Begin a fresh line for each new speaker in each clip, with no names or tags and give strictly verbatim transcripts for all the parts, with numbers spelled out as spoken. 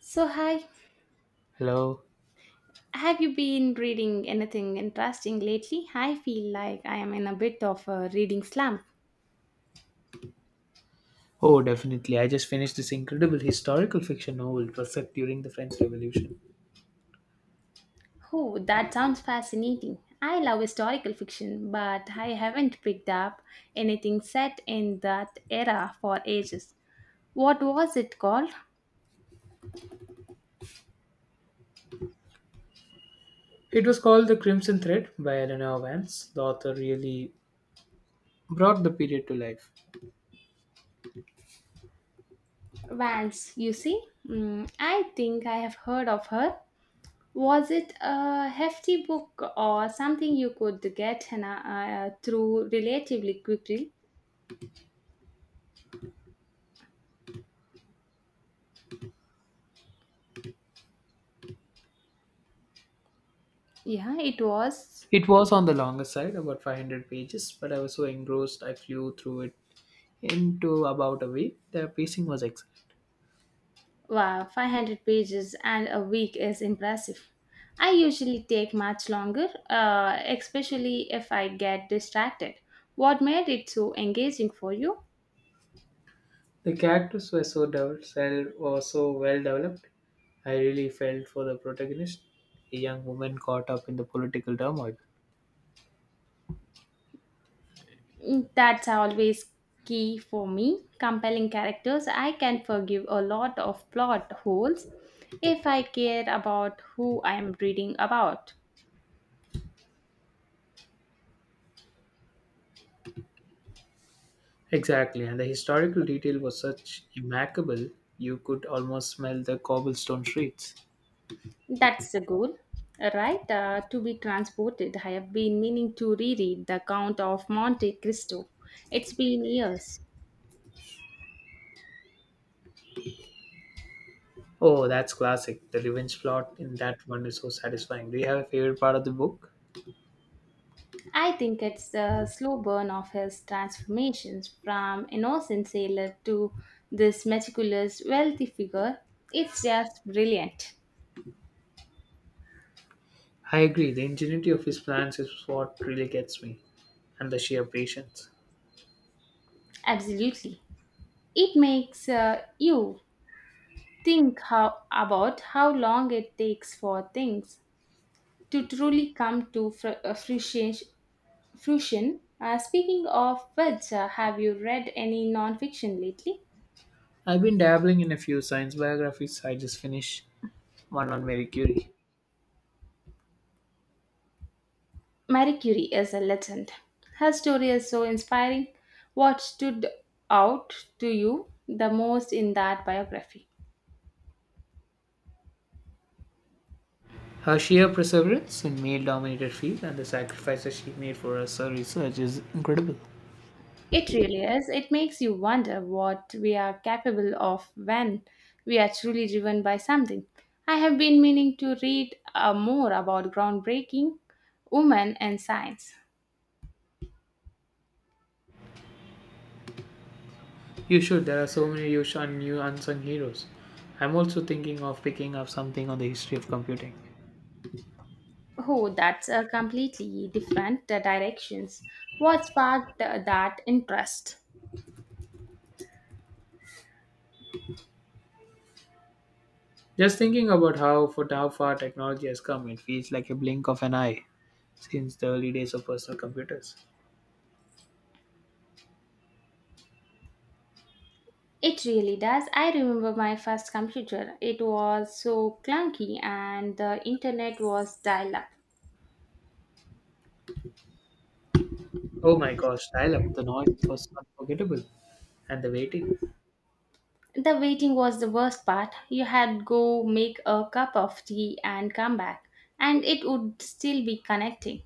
So, hi,
Hello.
have you been reading anything interesting lately? I feel like I am in a bit of a reading slump.
Oh, definitely. I just finished this incredible historical fiction novel it was set during the French Revolution.
Oh, that sounds fascinating. I love historical fiction, but I haven't picked up anything set in that era for ages. What was it called?
It was called The Crimson Thread by Eleanor Vance. The author really brought the period to life.
Vance, you see? Mm, I think I have heard of her. Was it a hefty book or something you could get Hannah, uh, through relatively quickly? Yeah, it was.
It was on the longer side, about five hundred pages, but I was so engrossed I flew through it into about a week. The pacing was excellent.
Wow, five hundred pages and a week is impressive. I usually take much longer, uh, especially if I get distracted. What made it so engaging for you?
The characters were so developed, were so well developed. I really felt for the protagonist, a young woman caught up in the political turmoil.
Mm, that's always key for me. Compelling characters, I can forgive a lot of plot holes if I care about who I am reading about.
Exactly, and the historical detail was such immaculate you could almost smell the cobblestone streets.
That's the goal, right? Uh, to be transported. I have been meaning to reread The Count of Monte Cristo. It's been years.
Oh, that's classic. The revenge plot in that one is so satisfying. Do you have a favorite part of the book?
I think it's the slow burn of his transformations from innocent sailor to this meticulous, wealthy figure. It's just brilliant.
I agree, the ingenuity of his plans is what really gets me, and the sheer patience.
Absolutely. It makes uh, you think how about how long it takes for things to truly come to fr- uh, fruition, fusion. Uh, speaking of which, uh, have you read any non-fiction lately?
I've been dabbling in a few science biographies. I just finished one on Mary Curie.
Marie Curie is a legend. Her story is so inspiring. What stood out to you the most in that biography?
Her sheer perseverance in male dominated field and the sacrifices she made for us, her research is incredible.
It really is. It makes you wonder what we are capable of when we are truly driven by something. I have been meaning to read uh, more about groundbreaking women and science.
You should. There are so many you sh- and new unsung heroes. I'm also thinking of picking up something on the history of computing.
Oh, that's a completely different uh, directions. What sparked uh, that interest?
Just thinking about how for how far technology has come, it feels like a blink of an eye since the early days of personal computers.
It really does. I remember my first computer. It was so clunky and the internet was dial up.
Oh my gosh, dial up. The noise it was unforgettable. And the waiting.
The waiting was the worst part. You had go make a cup of tea and come back, and it would still be connecting.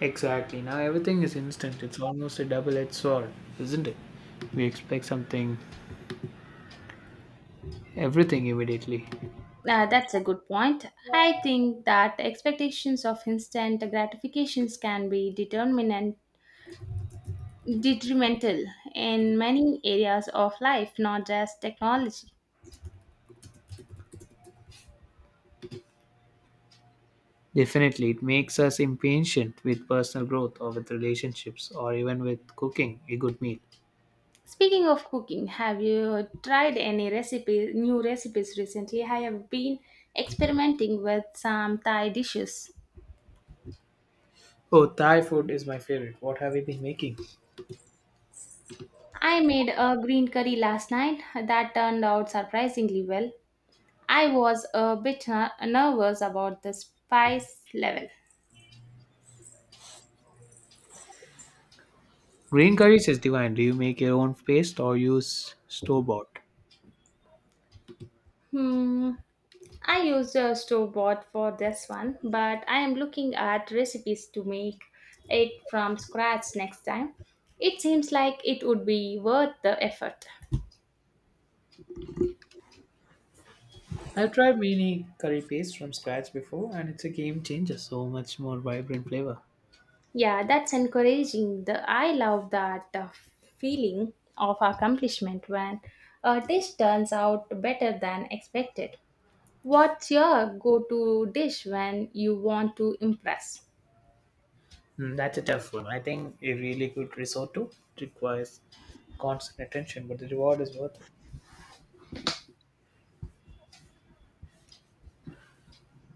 Exactly. Now everything is instant. It's almost a double edged sword, isn't it? We expect something everything immediately.
Uh, that's a good point. I think that expectations of instant gratifications can be determinant detrimental in many areas of life, not just technology.
Definitely, it makes us impatient with personal growth or with relationships or even with cooking a good meal.
Speaking of cooking, have you tried any recipe, new recipes recently? I have been experimenting with some Thai dishes.
Oh, Thai food is my favorite. What have you been making?
I made a green curry last night that turned out surprisingly well. I was a bit ner- nervous about the spice level.
Green curry is divine. Do you make your own paste or use store bought?
Hmm. I used a store bought for this one, but I am looking at recipes to make it from scratch next time. It seems like it would be worth the effort.
I've tried mini curry paste from scratch before and it's a game changer, so much more vibrant flavor.
Yeah, that's encouraging. The I love that uh, feeling of accomplishment when a dish turns out better than expected. What's your go-to dish when you want to impress?
Mm, that's a tough one. I think a really good risotto requires constant attention, but the reward is worth it.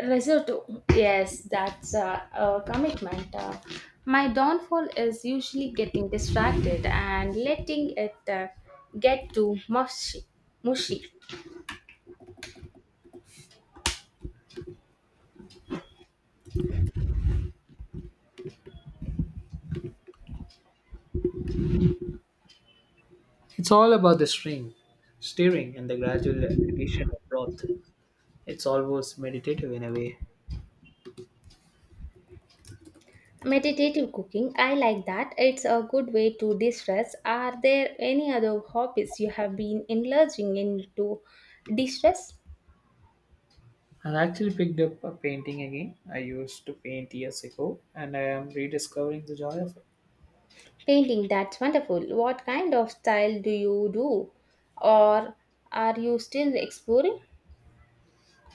Risotto. Yes, that's a, a commitment. Uh, my downfall is usually getting distracted and letting it uh, get too mushy. mushy.
It's all about the string, stirring, and the gradual addition of broth. It's almost meditative in a way.
Meditative cooking, I like that. It's a good way to de stress. Are there any other hobbies you have been enlarging into de stress?
I actually picked up a painting again. I used to paint years ago and I am rediscovering the joy of it.
Painting, that's wonderful. What kind of style do you do? Or are you still exploring?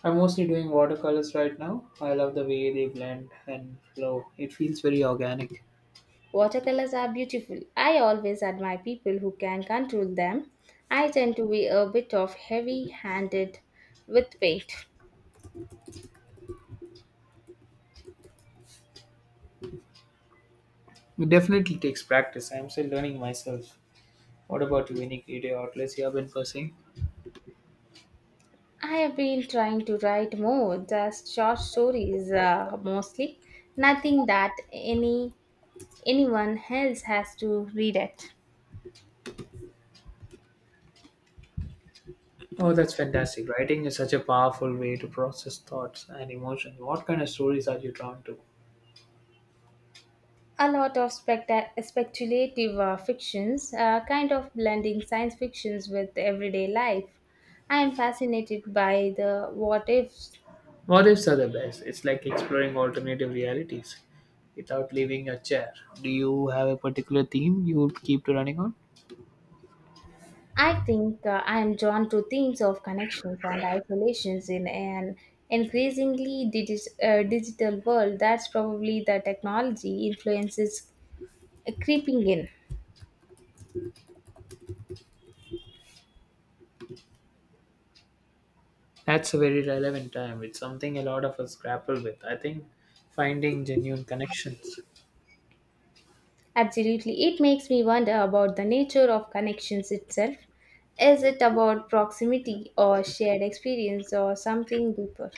I'm mostly doing watercolors right now. I love the way they blend and flow. It feels very organic.
Watercolors are beautiful. I always admire people who can control them. I tend to be a bit of heavy handed with paint.
It definitely takes practice. I'm still learning myself. What about you? Any creative outlets you have been pursuing?
I have been trying to write more, just short stories uh, mostly. Nothing that any anyone else has to read it.
Oh, that's fantastic. Writing is such a powerful way to process thoughts and emotions. What kind of stories are you drawn to?
A lot of specta- speculative uh, fictions, uh, kind of blending science fictions with everyday life. I am fascinated by the what ifs.
What ifs are the best. It's like exploring alternative realities without leaving your chair. Do you have a particular theme you would keep to running on?
I think uh, I am drawn to themes of connections and isolations in an increasingly digis uh, digital world. That's probably the technology influences creeping in.
That's a very relevant time. It's something a lot of us grapple with. I think finding genuine connections.
Absolutely. It makes me wonder about the nature of connections itself. Is it about proximity or shared experience or something deeper?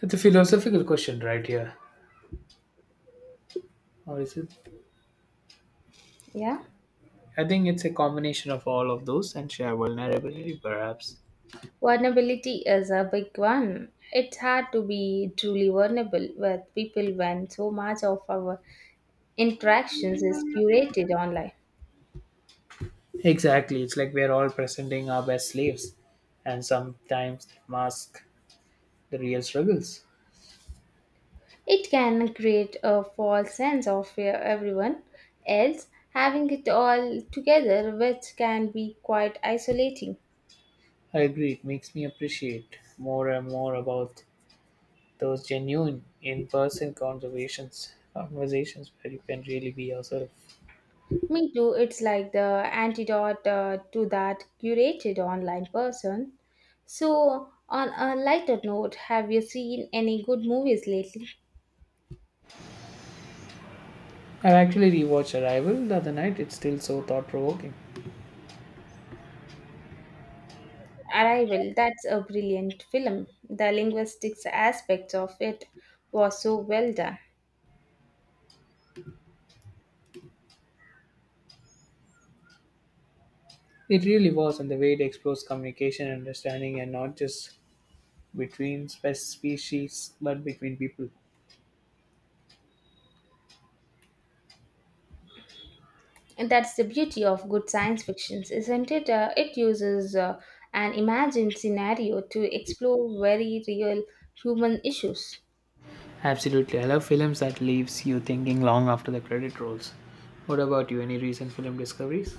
It's a philosophical question right here. Or is it?
Yeah.
I think it's a combination of all of those and share vulnerability, perhaps.
Vulnerability is a big one. It's hard to be truly vulnerable with people when so much of our interactions is curated online.
Exactly. It's like we're all presenting our best slaves and sometimes mask the real struggles.
It can create a false sense of uh, everyone else having it all together, which can be quite isolating.
I agree, it makes me appreciate more and more about those genuine in person conversations conversations where you can really be yourself.
Me too, it's like the antidote uh, to that curated online person. So, on a lighter note, have you seen any good movies lately?
I actually rewatched Arrival the other night, it's still so thought provoking.
Arrival, that's a brilliant film. The linguistics aspect of it was so well done.
It really was, and the way it explores communication and understanding, and not just between spe- species but between people.
And that's the beauty of good science fiction, isn't it? Uh, it uses uh, an imagined scenario to explore very real human issues.
Absolutely, I love films that leaves you thinking long after the credit rolls. What about you? Any recent film discoveries?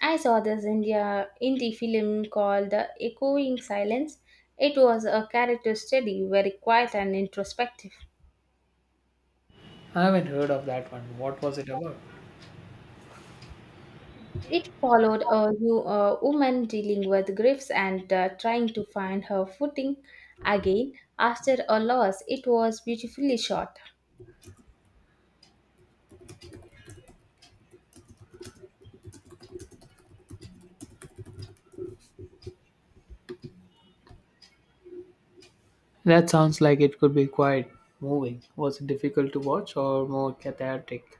I saw this India indie film called The Echoing Silence. It was a character study, very quiet and introspective.
I haven't heard of that one. What was it about?
It followed a, new, a woman dealing with griefs and uh, trying to find her footing again after a loss. It was beautifully shot.
That sounds like it could be quite moving. Was it difficult to watch or more cathartic?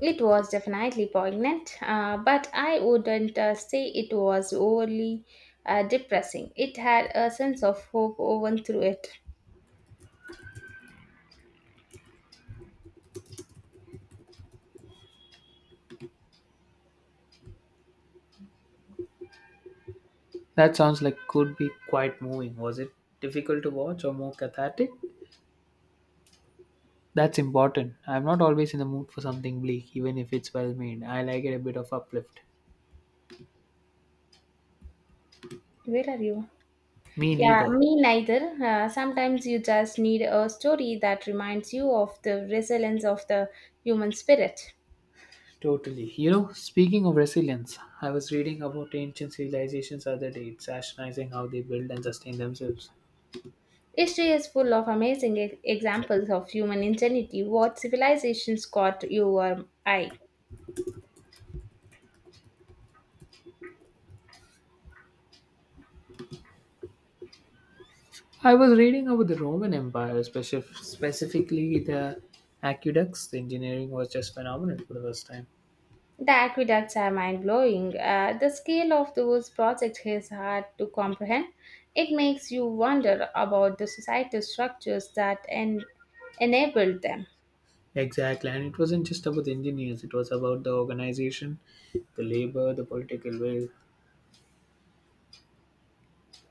It was definitely poignant, uh, but I wouldn't uh, say it was overly uh, depressing. It had a sense of hope woven through it.
That sounds like could be quite moving. Was it difficult to watch or more cathartic? That's important. I'm not always in the mood for something bleak, even if it's well made. I like it a bit of uplift.
Where are you?
Me
Yeah,
neither.
me neither. Uh, sometimes you just need a story that reminds you of the resilience of the human spirit.
Totally. You know, speaking of resilience, I was reading about ancient civilizations other day. It's astonishing how they build and sustain themselves.
History is full of amazing e- examples of human ingenuity. What civilizations caught your eye?
I was reading about the Roman Empire, specif- specifically the aqueducts. The engineering was just phenomenal for the first time.
The aqueducts are mind blowing. Uh, the scale of those projects is hard to comprehend. It makes you wonder about the societal structures that en- enabled them.
Exactly, and it wasn't just about the engineers, it was about the organization, the labor, the political will.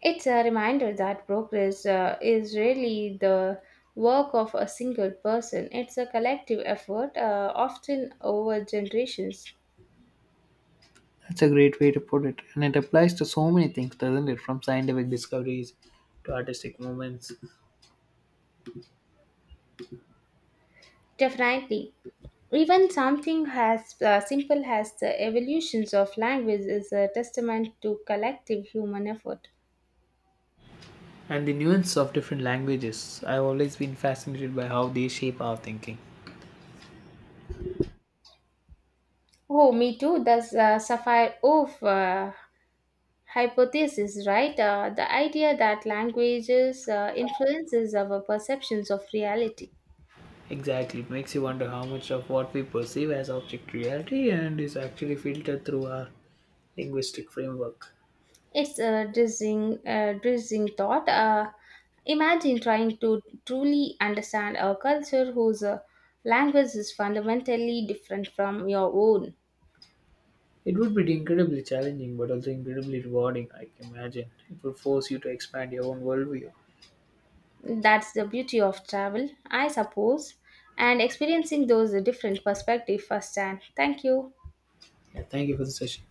It's a reminder that progress uh, is really the work of a single person, it's a collective effort, uh, often over generations.
That's a great way to put it, and it applies to so many things, doesn't it? From scientific discoveries to artistic movements
Definitely. Even something as uh, simple as the evolutions of language is a testament to collective human effort.
and the nuance of different languages. I've always been fascinated by how they shape our thinking.
Oh, me too. That's uh, Sapphire Oof uh, hypothesis, right? Uh, the idea that languages uh, influences our perceptions of reality.
Exactly, it makes you wonder how much of what we perceive as object reality and is actually filtered through our linguistic framework.
It's a dizzying, uh, dizzying thought. Uh, imagine trying to truly understand a culture whose uh, language is fundamentally different from your own.
It would be incredibly challenging, but also incredibly rewarding, I can imagine. It would force you to expand your own worldview.
That's the beauty of travel, I suppose, and experiencing those different perspectives firsthand. Thank you.
Yeah, thank you for the session.